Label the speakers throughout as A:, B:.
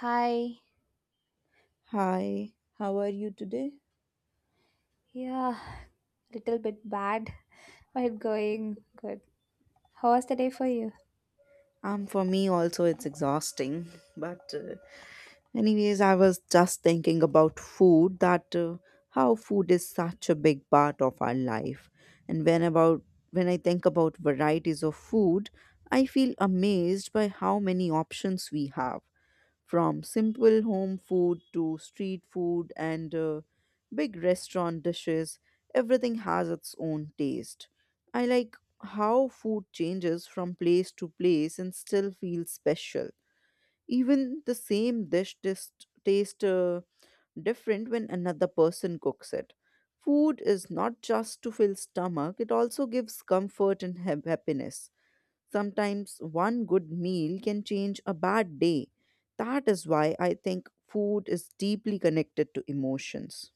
A: Hi.
B: Hi, how are you today?
A: Yeah, little bit bad, but going good. How was the day for you?
B: For me also it's exhausting, but anyways, I was just thinking about food that how food is such a big part of our life, and when I think about varieties of food, I feel amazed by how many options we have. From simple home food to street food and big restaurant dishes, everything has its own taste. I like how food changes from place to place and still feels special. Even the same dish just tastes different when another person cooks it. Food is not just to fill stomach, it also gives comfort and happiness. Sometimes one good meal can change a bad day. That is why I think food is deeply connected to emotions.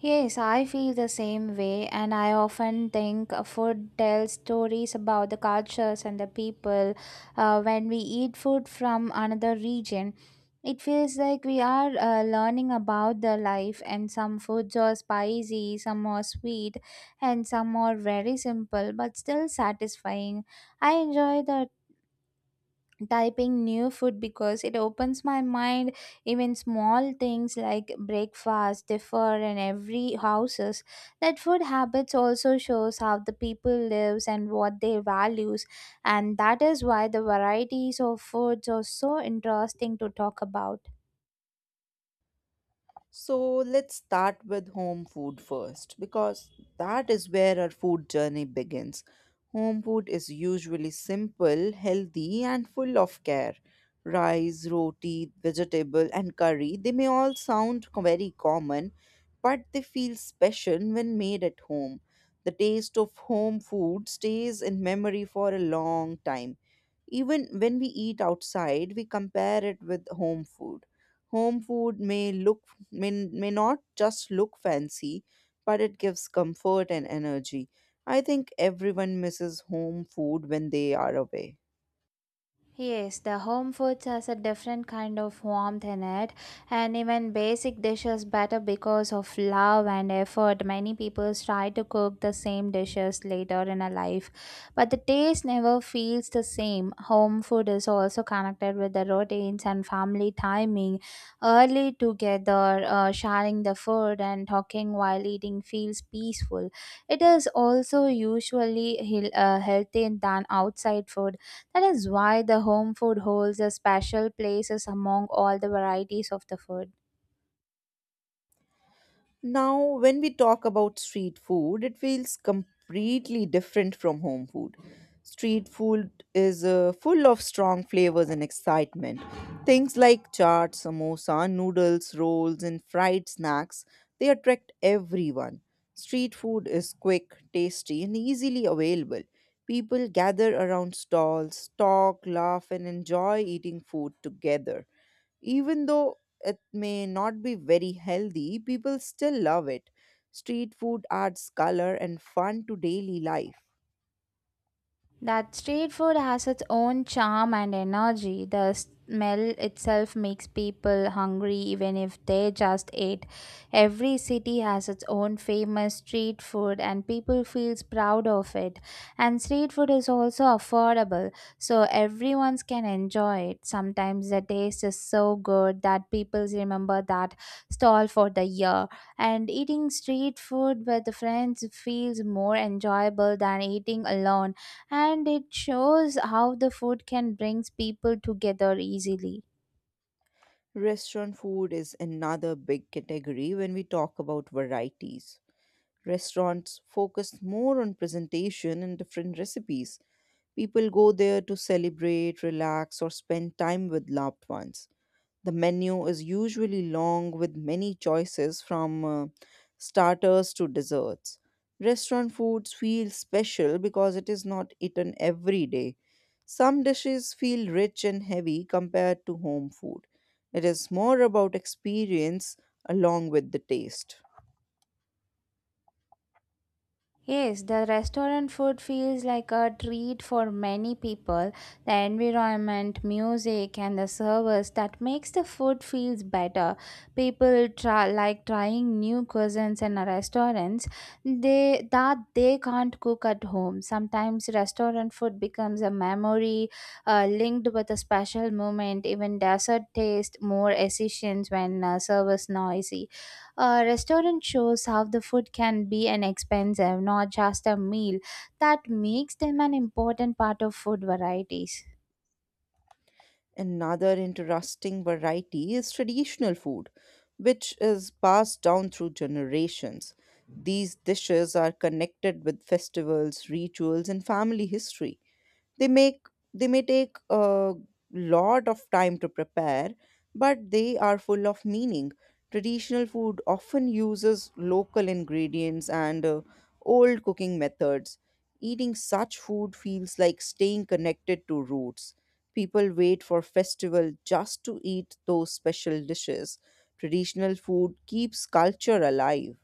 A: Yes, I feel the same way, and I often think food tells stories about the cultures and the people. When we eat food from another region, it feels like we are learning about the life, and some foods are spicy, some are sweet, and some are very simple but still satisfying. I enjoy the typing new food because it opens my mind. Even small things like breakfast differ in every houses. That food habits also shows how the people lives and what they values, and that is why the varieties of foods are so interesting to talk about.
B: So let's start with home food first because that is where our food journey begins. Home food is usually simple, healthy, and full of care. Rice, roti, vegetable, and curry, they may all sound very common, but they feel special when made at home. The taste of home food stays in memory for a long time. Even when we eat outside, we compare it with home food. Home food may not just look fancy, but it gives comfort and energy. I think everyone misses home food when they are away.
A: Yes, the home foods has a different kind of warmth in it, and even basic dishes better because of love and effort. Many people try to cook the same dishes later in a life, but the taste never feels the same. Home food is also connected with the routines and family timing. Early together, sharing the food and talking while eating feels peaceful. It is also usually healthy than outside food. That is why the home food holds a special place among all the varieties of the food.
B: Now, when we talk about street food, it feels completely different from home food. Street food is full of strong flavors and excitement. Things like chaat, samosa, noodles, rolls, and fried snacks, they attract everyone. Street food is quick, tasty, and easily available. People gather around stalls, talk, laugh, and enjoy eating food together. Even though it may not be very healthy, people still love it. Street food adds color and fun to daily life.
A: That street food has its own charm and energy. The smell itself makes people hungry even if they just ate. Every city has its own famous street food and people feels proud of it. And street food is also affordable, so everyone can enjoy it. Sometimes the taste is so good that people remember that stall for the year. And eating street food with friends feels more enjoyable than eating alone, and it shows how the food can brings people together easily.
B: Restaurant food is another big category when we talk about varieties. Restaurants focus more on presentation and different recipes. People go there to celebrate, relax, or spend time with loved ones. The menu is usually long with many choices from starters to desserts. Restaurant foods feel special because it is not eaten every day. Some dishes feel rich and heavy compared to home food. It is more about experience along with the taste.
A: Yes, the restaurant food feels like a treat for many people. The environment, music, and the service that makes the food feels better. People try, like trying new cuisines in restaurants they that they can't cook at home. Sometimes restaurant food becomes a memory linked with a special moment. Even dessert taste more efficient when service noisy. A restaurant shows how the food can be an expensive, not just a meal. That makes them an important part of food varieties.
B: Another interesting variety is traditional food, which is passed down through generations. These dishes are connected with festivals, rituals, and family history. They make they may take a lot of time to prepare, but they are full of meaning. Traditional food often uses local ingredients and old cooking methods. Eating such food feels like staying connected to roots. People wait for festival just to eat those special dishes. Traditional food keeps culture alive.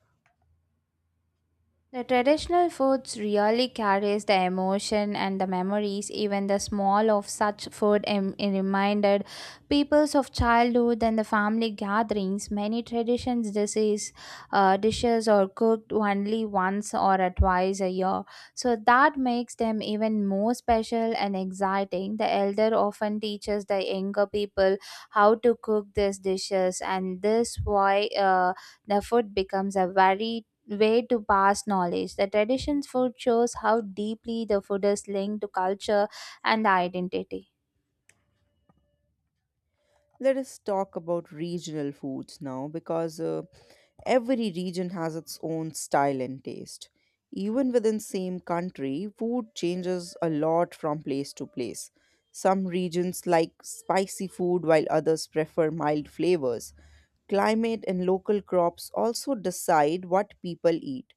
A: The traditional foods really carries the emotion and the memories. Even the smell of such food reminded peoples of childhood and the family gatherings. Many traditions dishes are cooked only once or twice a year, so that makes them even more special and exciting. The elder often teaches the younger people how to cook these dishes, and this why the food becomes a very way to pass knowledge. The traditions food shows how deeply the food is linked to culture and identity.
B: Let us talk about regional foods now because every region has its own style and taste. Even within same country food changes a lot from place to place. Some regions like spicy food while others prefer mild flavors. Climate and local crops also decide what people eat.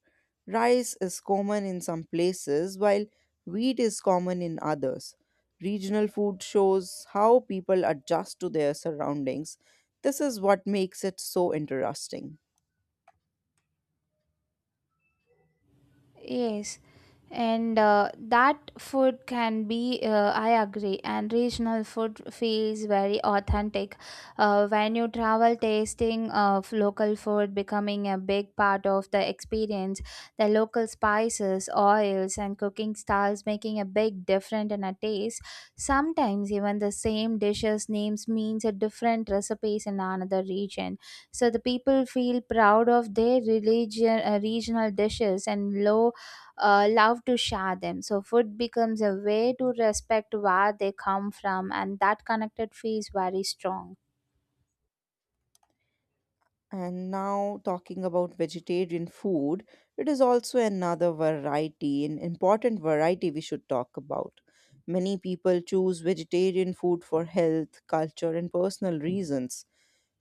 B: Rice is common in some places while wheat is common in others. Regional food shows how people adjust to their surroundings. This is what makes it so interesting.
A: Yes, and that food can be, I agree, and regional food feels very authentic. When you travel, tasting of local food becoming a big part of the experience, the local spices, oils, and cooking styles making a big difference in a taste. Sometimes even the same dishes names means a different recipes in another region, so the people feel proud of their religion regional dishes and low love to share them. So food becomes a way to respect where they come from, and that connected feels very strong.
B: And now, talking about vegetarian food, it is also another variety, an important variety we should talk about. Many people choose vegetarian food for health, culture, and personal reasons.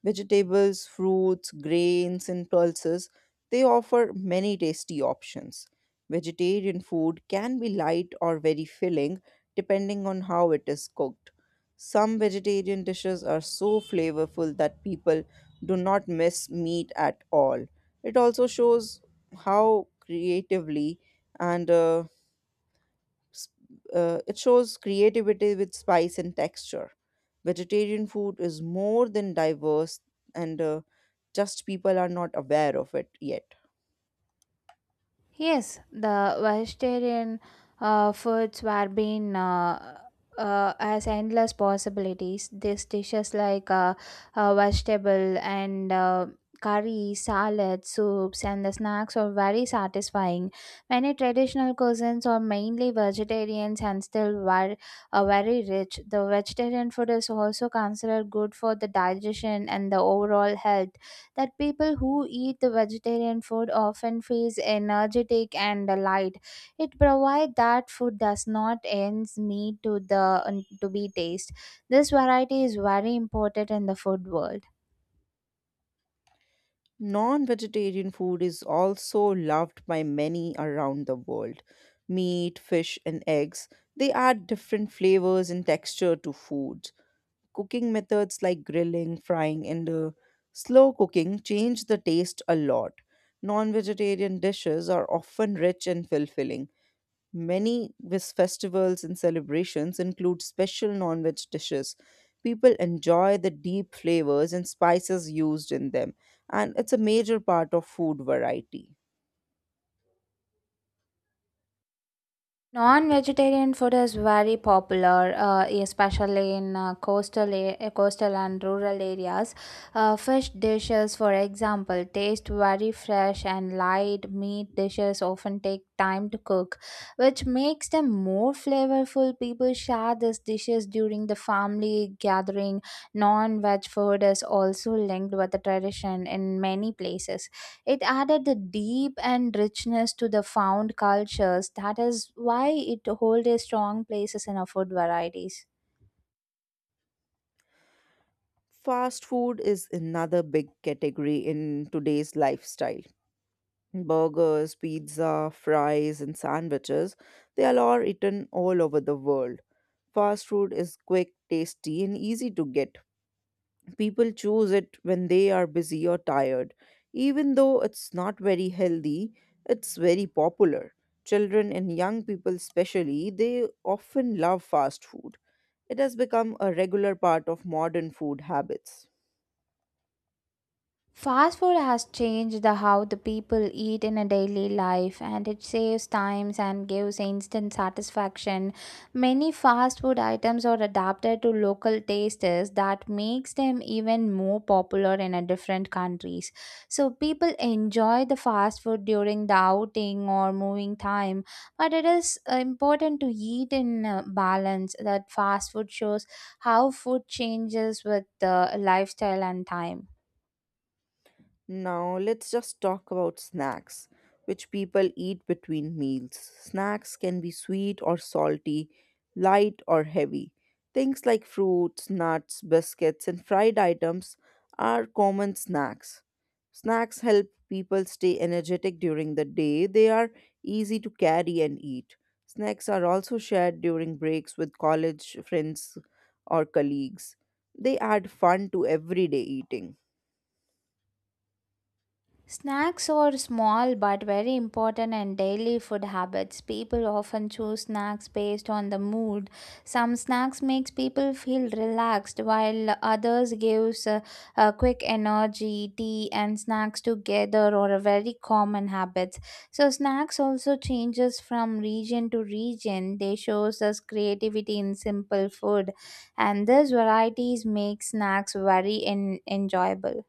B: Vegetables, fruits, grains, and pulses, they offer many tasty options. Vegetarian food can be light or very filling depending on how it is cooked. Some vegetarian dishes are so flavorful that people do not miss meat at all. It also shows how creatively and uh, s- it shows creativity with spice and texture. Vegetarian food is more than diverse, and just people are not aware of it yet.
A: Yes, the vegetarian foods were being as endless possibilities. These dishes like vegetable and curry, salad, soups, and the snacks are very satisfying. Many traditional cuisines are mainly vegetarians and still were very rich. The vegetarian food is also considered good for the digestion and the overall health that people who eat the vegetarian food often feel energetic and light. It provides that food does not ends meat to the to be taste. This variety is very important in the food world.
B: Non vegetarian food is also loved by many around the world. Meat, fish, and eggs, they add different flavors and texture to food. Cooking methods like grilling, frying, and slow cooking change the taste a lot. Non vegetarian dishes are often rich and fulfilling. Many festivals and celebrations include special non veg dishes. People enjoy the deep flavors and spices used in them, and it's a major part of food variety.
A: Non-vegetarian food is very popular, especially in coastal and rural areas. Fish dishes, for example, taste very fresh and light. Meat dishes often take time to cook, which makes them more flavorful. People share these dishes during the family gathering. Non-veg food is also linked with the tradition in many places. It added the deep and richness to the found cultures. That is why it hold a strong places in our food varieties.
B: Fast food is another big category in today's lifestyle. Burgers, pizza, fries, and sandwiches, they are eaten all over the world. Fast food is quick, tasty, and easy to get. People choose it when they are busy or tired. Even though it's not very healthy, it's very popular. Children and young people, especially, they often love fast food. It has become a regular part of modern food habits.
A: Fast food has changed the how the people eat in a daily life, and it saves times and gives instant satisfaction. Many fast food items are adapted to local tastes that makes them even more popular in a different countries. So people enjoy the fast food during the outing or moving time, but it is important to eat in balance. That fast food shows how food changes with the lifestyle and time.
B: Now, let's just talk about snacks, which people eat between meals. Snacks can be sweet or salty, light or heavy. Things like fruits, nuts, biscuits, and fried items are common snacks. Snacks help people stay energetic during the day. They are easy to carry and eat. Snacks are also shared during breaks with college friends or colleagues. They add fun to everyday eating.
A: Snacks are small but very important in daily food habits. People often choose snacks based on the mood. Some snacks makes people feel relaxed while others gives a quick energy. Tea and snacks together are a very common habits. So snacks also changes from region to region. They shows us creativity in simple food, and this varieties make snacks very enjoyable.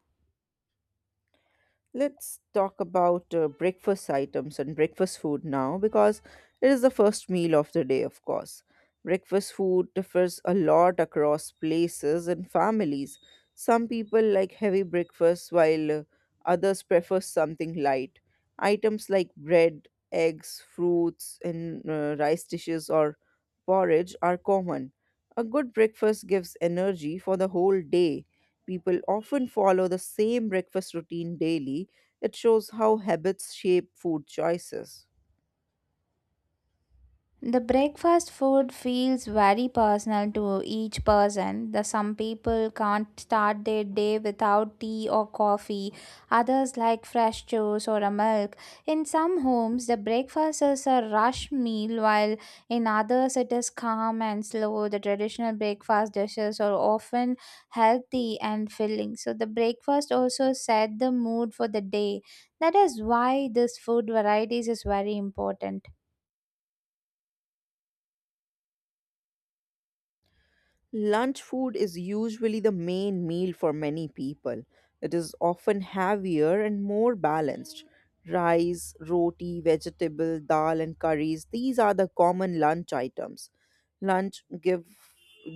B: Let's talk about breakfast items and breakfast food now because it is the first meal of the day, of course. Breakfast food differs a lot across places and families. Some people like heavy breakfasts while others prefer something light. Items like bread, eggs, fruits, and rice dishes or porridge are common. A good breakfast gives energy for the whole day. People often follow the same breakfast routine daily. It shows how habits shape food choices.
A: The breakfast food feels very personal to each person. The some people can't start their day without tea or coffee. Others like fresh juice or a milk. In some homes, the breakfast is a rush meal, while in others it is calm and slow. The traditional breakfast dishes are often healthy and filling. So the breakfast also set the mood for the day. That is why this food varieties is very important.
B: Lunch food is usually the main meal for many people. It is often heavier and more balanced. Rice, roti, vegetable, dal and curries, these are the common lunch items. Lunch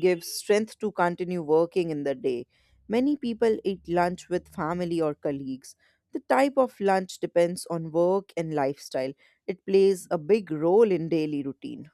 B: gives strength to continue working in the day. Many people eat lunch with family or colleagues. The type of lunch depends on work and lifestyle. It plays a big role in daily routine.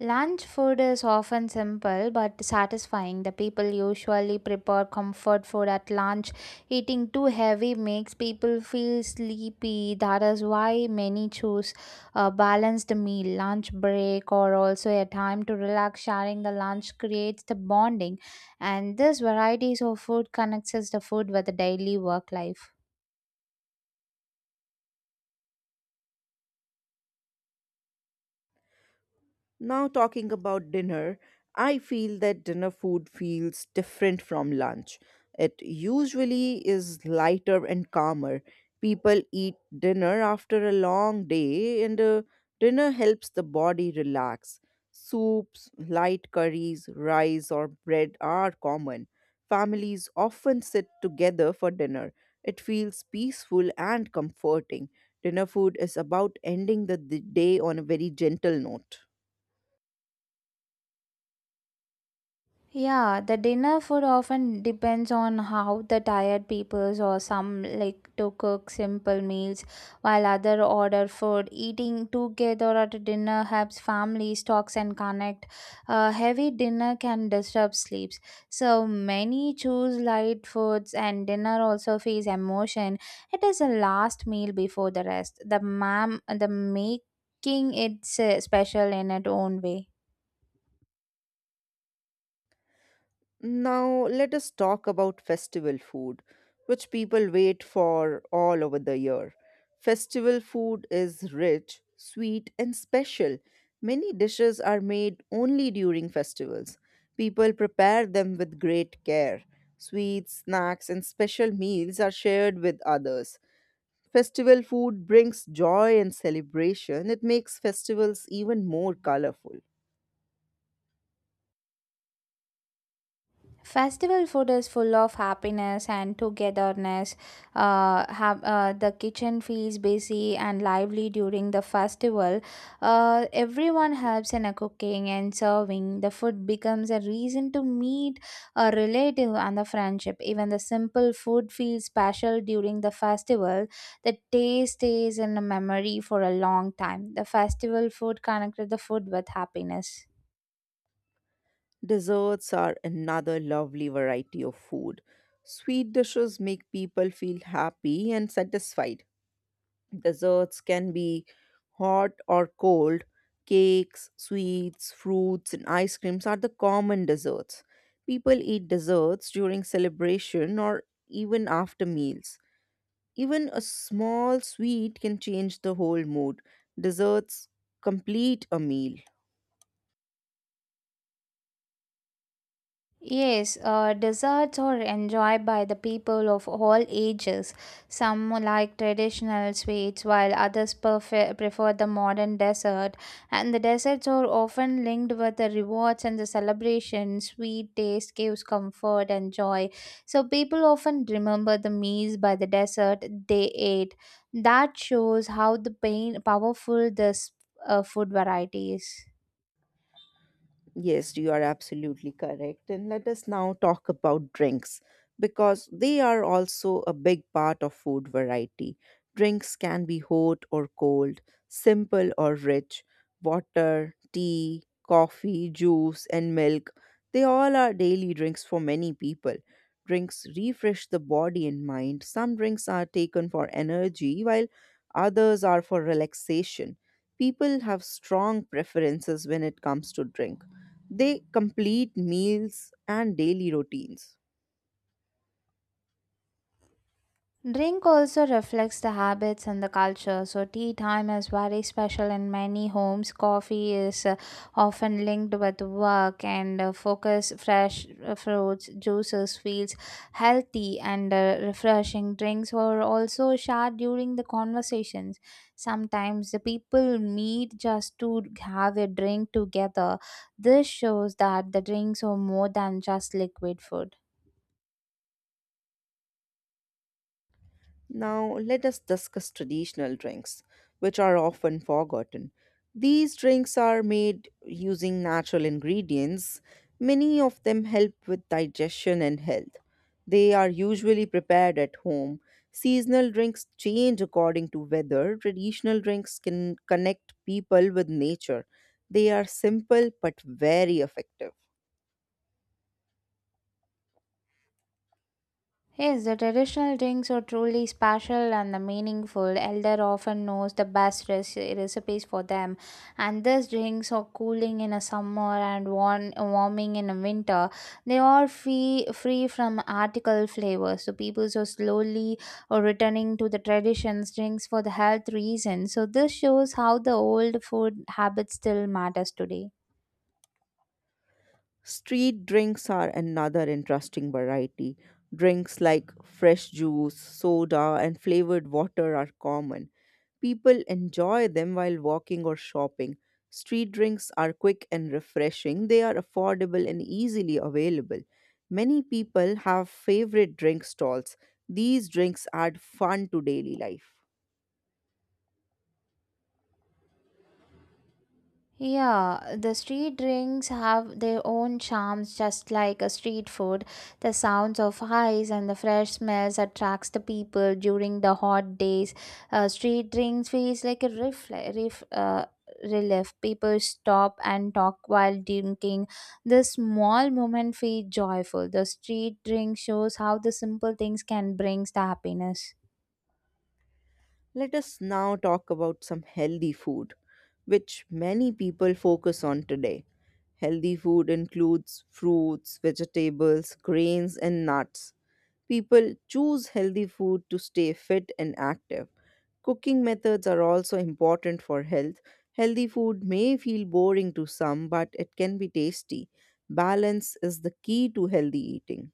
A: Lunch food is often simple but satisfying. The people usually prepare comfort food at lunch. Eating too heavy makes people feel sleepy. That is why many choose a balanced meal, lunch break, or also a time to relax. Sharing the lunch creates the bonding, and this varieties of food connects us the food with the daily work life.
B: Now, talking about dinner, I feel that dinner food feels different from lunch. It usually is lighter and calmer. People eat dinner after a long day, and dinner helps the body relax. Soups, light curries, rice, or bread are common. Families often sit together for dinner. It feels peaceful and comforting. Dinner food is about ending the day on a very gentle note.
A: Yeah, the dinner food often depends on how the tired peoples or some like to cook simple meals while other order food. Eating together at a dinner helps families talks and connect. A heavy dinner can disturb sleeps. So many choose light foods, and dinner also feels emotion. It is a last meal before the rest. The making it's special in its own way.
B: Now, let us talk about festival food, which people wait for all over the year. Festival food is rich, sweet, and special. Many dishes are made only during festivals. People prepare them with great care. Sweets, snacks, and special meals are shared with others. Festival food brings joy and celebration. It makes festivals even more colorful.
A: Festival food is full of happiness and togetherness. Have the kitchen feels busy and lively during the festival. Everyone helps in a cooking and serving. The food becomes a reason to meet a relative and the friendship. Even the simple food feels special during the festival. The taste stays in the memory for a long time. The festival food connected the food with happiness.
B: Desserts are another lovely variety of food. Sweet dishes make people feel happy and satisfied. Desserts can be hot or cold. Cakes, sweets, fruits, and ice creams are the common desserts. People eat desserts during celebration or even after meals. Even a small sweet can change the whole mood. Desserts complete a meal.
A: Yes, desserts are enjoyed by the people of all ages. Some like traditional sweets, while others prefer the modern dessert. And the desserts are often linked with the rewards and the celebration. Sweet taste gives comfort and joy. So people often remember the meals by the dessert they ate. That shows how the powerful this food variety is.
B: Yes, you are absolutely correct. And let us now talk about drinks because they are also a big part of food variety. Drinks can be hot or cold, simple or rich. Water, tea, coffee, juice, and milk, they all are daily drinks for many people. Drinks refresh the body and mind. Some drinks are taken for energy, while others are for relaxation. People have strong preferences when it comes to drink. They complete meals and daily routines.
A: Drink also reflects the habits and the culture. So, tea time is very special in many homes. Coffee is often linked with work and focus. Fresh fruits, juices feels healthy and refreshing. Drinks were also shared during the conversations. Sometimes the people meet just to have a drink together. This shows that the drinks are more than just liquid food.
B: Now, let us discuss traditional drinks, which are often forgotten. These drinks are made using natural ingredients. Many of them help with digestion and health. They are usually prepared at home. Seasonal drinks change according to weather. Traditional drinks can connect people with nature. They are simple but very effective.
A: Yes, the traditional drinks are truly special and meaningful. Elder often knows the best recipes for them, and these drinks are cooling in a summer and warming in a winter. They are free from article flavors, so people are slowly returning to the traditions drinks for the health reasons. So this shows how the old food habits still matters today.
B: Street drinks are another interesting variety. Drinks like fresh juice, soda, and flavored water are common. People enjoy them while walking or shopping. Street drinks are quick and refreshing. They are affordable and easily available. Many people have favorite drink stalls. These drinks add fun to daily life.
A: Yeah, the street drinks have their own charms just like a street food. The sounds of ice and the fresh smells attracts the people during the hot days. Street drinks feels like a relief. People stop and talk while drinking. This small moment feel joyful. The street drink shows how the simple things can brings the happiness.
B: Let us now talk about some healthy food, which many people focus on today. Healthy food includes fruits, vegetables, grains, and nuts. People choose healthy food to stay fit and active. Cooking methods are also important for health. Healthy food may feel boring to some, but it can be tasty. Balance is the key to healthy eating.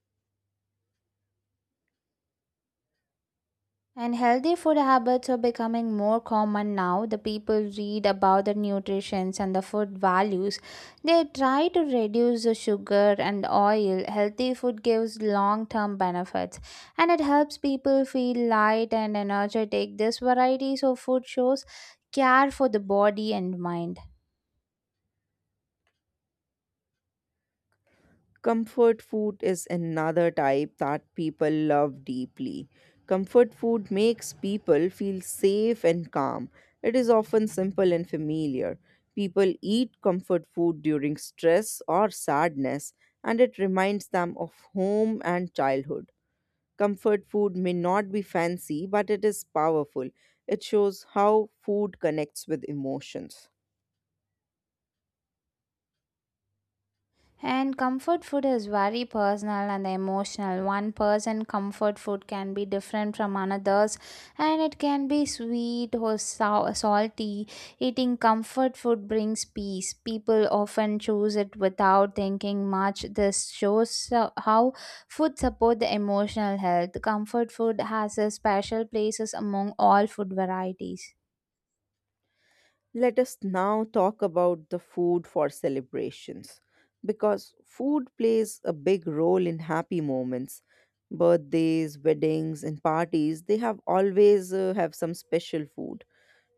A: And healthy food habits are becoming more common now. The people read about the nutritions and the food values. They try to reduce the sugar and oil. Healthy food gives long-term benefits, and it helps people feel light and energetic. This varieties of food shows care for the body and mind.
B: Comfort food is another type that people love deeply. Comfort food makes people feel safe and calm. It is often simple and familiar. People eat comfort food during stress or sadness, and it reminds them of home and childhood. Comfort food may not be fancy, but it is powerful. It shows how food connects with emotions.
A: And comfort food is very personal and emotional. One person comfort food can be different from another's, and it can be sweet or salty. Eating comfort food brings peace. People often choose it without thinking much. This shows how food support the emotional health. Comfort food has a special places among all food varieties.
B: Let us now talk about the food for celebrations because food plays a big role in happy moments. Birthdays, weddings, and parties, they have always have some special food.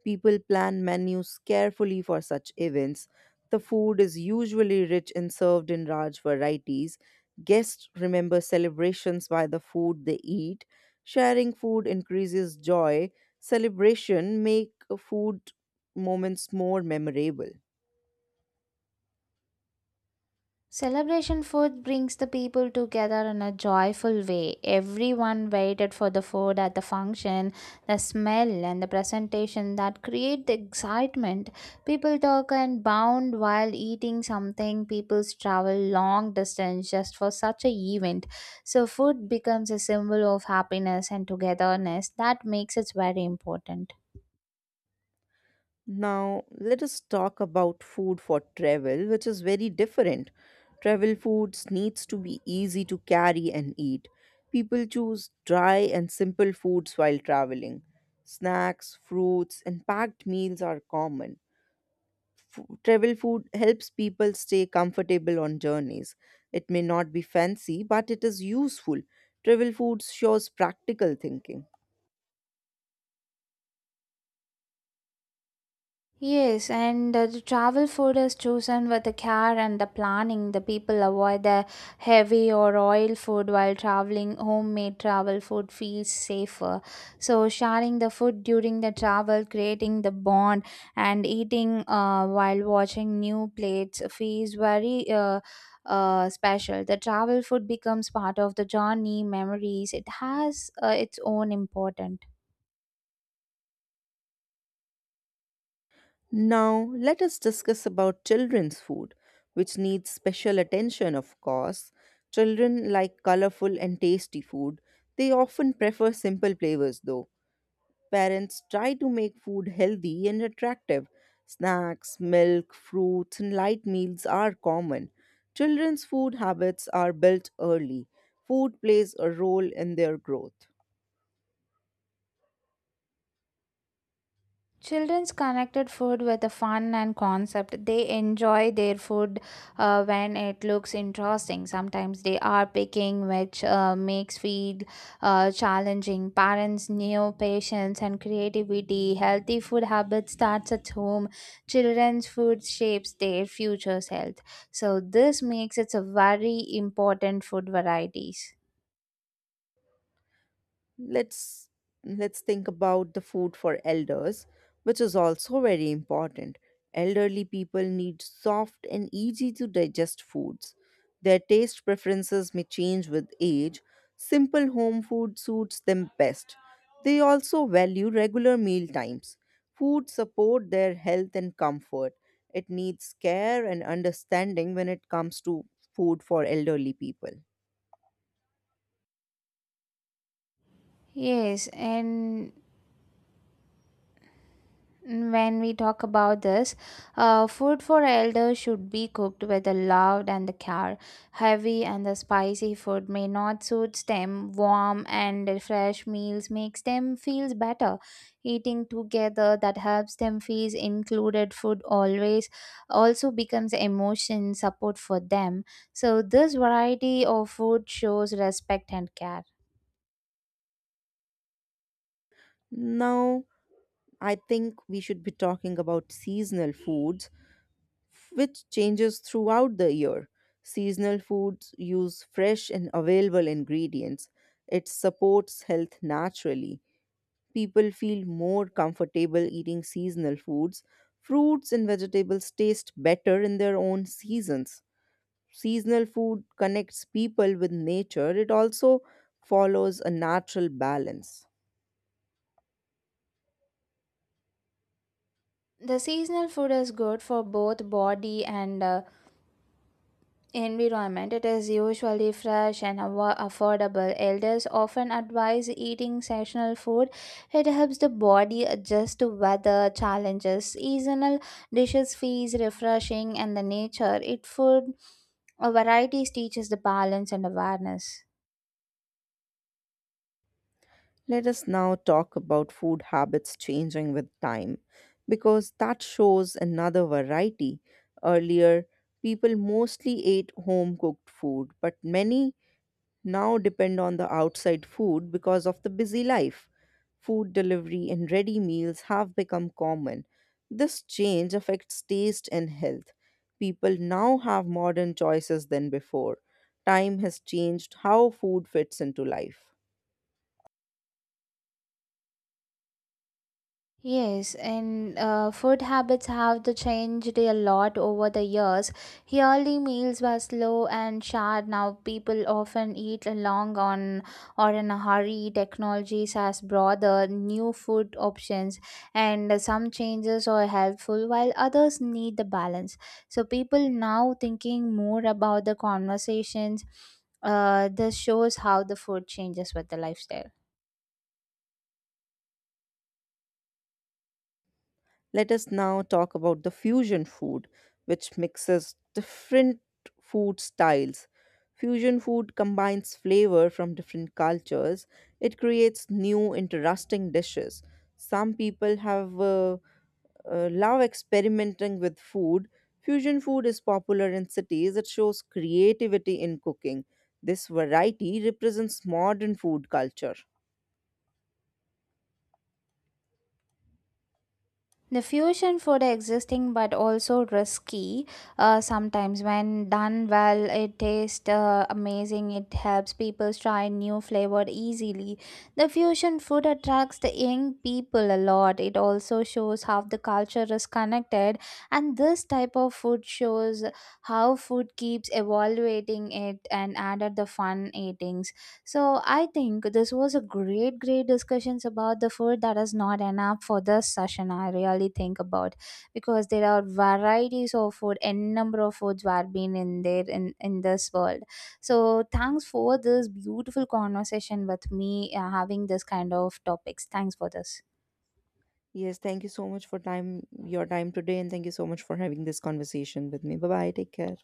B: People plan menus carefully for such events. The food is usually rich and served in large varieties. Guests remember celebrations by the food they eat. Sharing food increases joy. Celebration make food moments more memorable.
A: Celebration food brings the people together in a joyful way. Everyone waited for the food at the function, the smell and the presentation that create the excitement. People talk and bound while eating something. People travel long distance just for such a event. So food becomes a symbol of happiness and togetherness that makes it very important.
B: Now, let us talk about food for travel, which is very different. Travel foods needs to be easy to carry and eat. People choose dry and simple foods while traveling. Snacks, fruits, and packed meals are common. Travel food helps people stay comfortable on journeys. It may not be fancy, but it is useful. Travel food shows practical thinking.
A: Yes, and the travel food is chosen with the care and the planning. The people avoid the heavy or oil food while traveling. Homemade travel food feels safer. So, sharing the food during the travel, creating the bond, and eating while watching new plates feels very special. The travel food becomes part of the journey memories. It has its own importance.
B: Now, let us discuss about children's food, which needs special attention, of course. Children like colorful and tasty food. They often prefer simple flavors, though. Parents try to make food healthy and attractive. Snacks, milk, fruits, and light meals are common. Children's food habits are built early. Food plays a role in their growth.
A: Children's connected food with a fun and concept. They enjoy their food when it looks interesting. Sometimes they are picking, which makes feed challenging. Parents new patience and creativity. Healthy food habits starts at home. Children's food shapes their future's health. So this makes it a very important food varieties.
B: let's let's think about the food for elders, which is also very important. Elderly people need soft and easy to digest foods. Their taste preferences may change with age. Simple home food suits them best. They also value regular meal times. Food support their health and comfort. It needs care and understanding when it comes to food for elderly people.
A: Yes, and when we talk about this, food for elders should be cooked with the love and the care. Heavy and the spicy food may not suit them. Warm and fresh meals makes them feel better. Eating together that helps them feel included. Food always also becomes emotion support for them. So this variety of food shows respect and care.
B: Now, I think we should be talking about seasonal foods, which changes throughout the year. Seasonal foods use fresh and available ingredients. It supports health naturally. People feel more comfortable eating seasonal foods. Fruits and vegetables taste better in their own seasons. Seasonal food connects people with nature. It also follows a natural balance.
A: The seasonal food is good for both body and environment. It is usually fresh and affordable. Elders often advise eating seasonal food. It helps the body adjust to weather challenges. Seasonal dishes feels refreshing and the nature. It food varieties teaches the balance and awareness.
B: Let us now talk about food habits changing with time because that shows another variety. Earlier, people mostly ate home cooked food, but many now depend on the outside food because of the busy life. Food delivery and ready meals have become common. This change affects taste and health. People now have modern choices than before. Time has changed how food fits into life.
A: Yes, and food habits have the changed a lot over the years. Early meals were slow and short. Now people often eat long on or in a hurry. Technologies has brought the new food options, and some changes are helpful while others need the balance. So people now thinking more about the conversations. This shows how the food changes with the lifestyle.
B: Let us now talk about the fusion food, which mixes different food styles. Fusion food combines flavor from different cultures. It creates new, interesting dishes. Some people have love experimenting with food. Fusion food is popular in cities. It shows creativity in cooking. This variety represents modern food culture.
A: The fusion food existing but also risky. Sometimes when done well it tastes amazing. It helps people try new flavor easily. The fusion food attracts the young people a lot. It also shows how the culture is connected, and this type of food shows how food keeps evaluating it and added the fun eating. So I think this was a great discussions about the food that is not enough for this session. I really think about because there are varieties of food, n number of foods were being in there in this world. So thanks for this beautiful conversation with me, having this kind of topics. Thanks for this.
B: Yes, thank you so much for time your time today and thank you so much for having this conversation with me. Bye bye. Take care.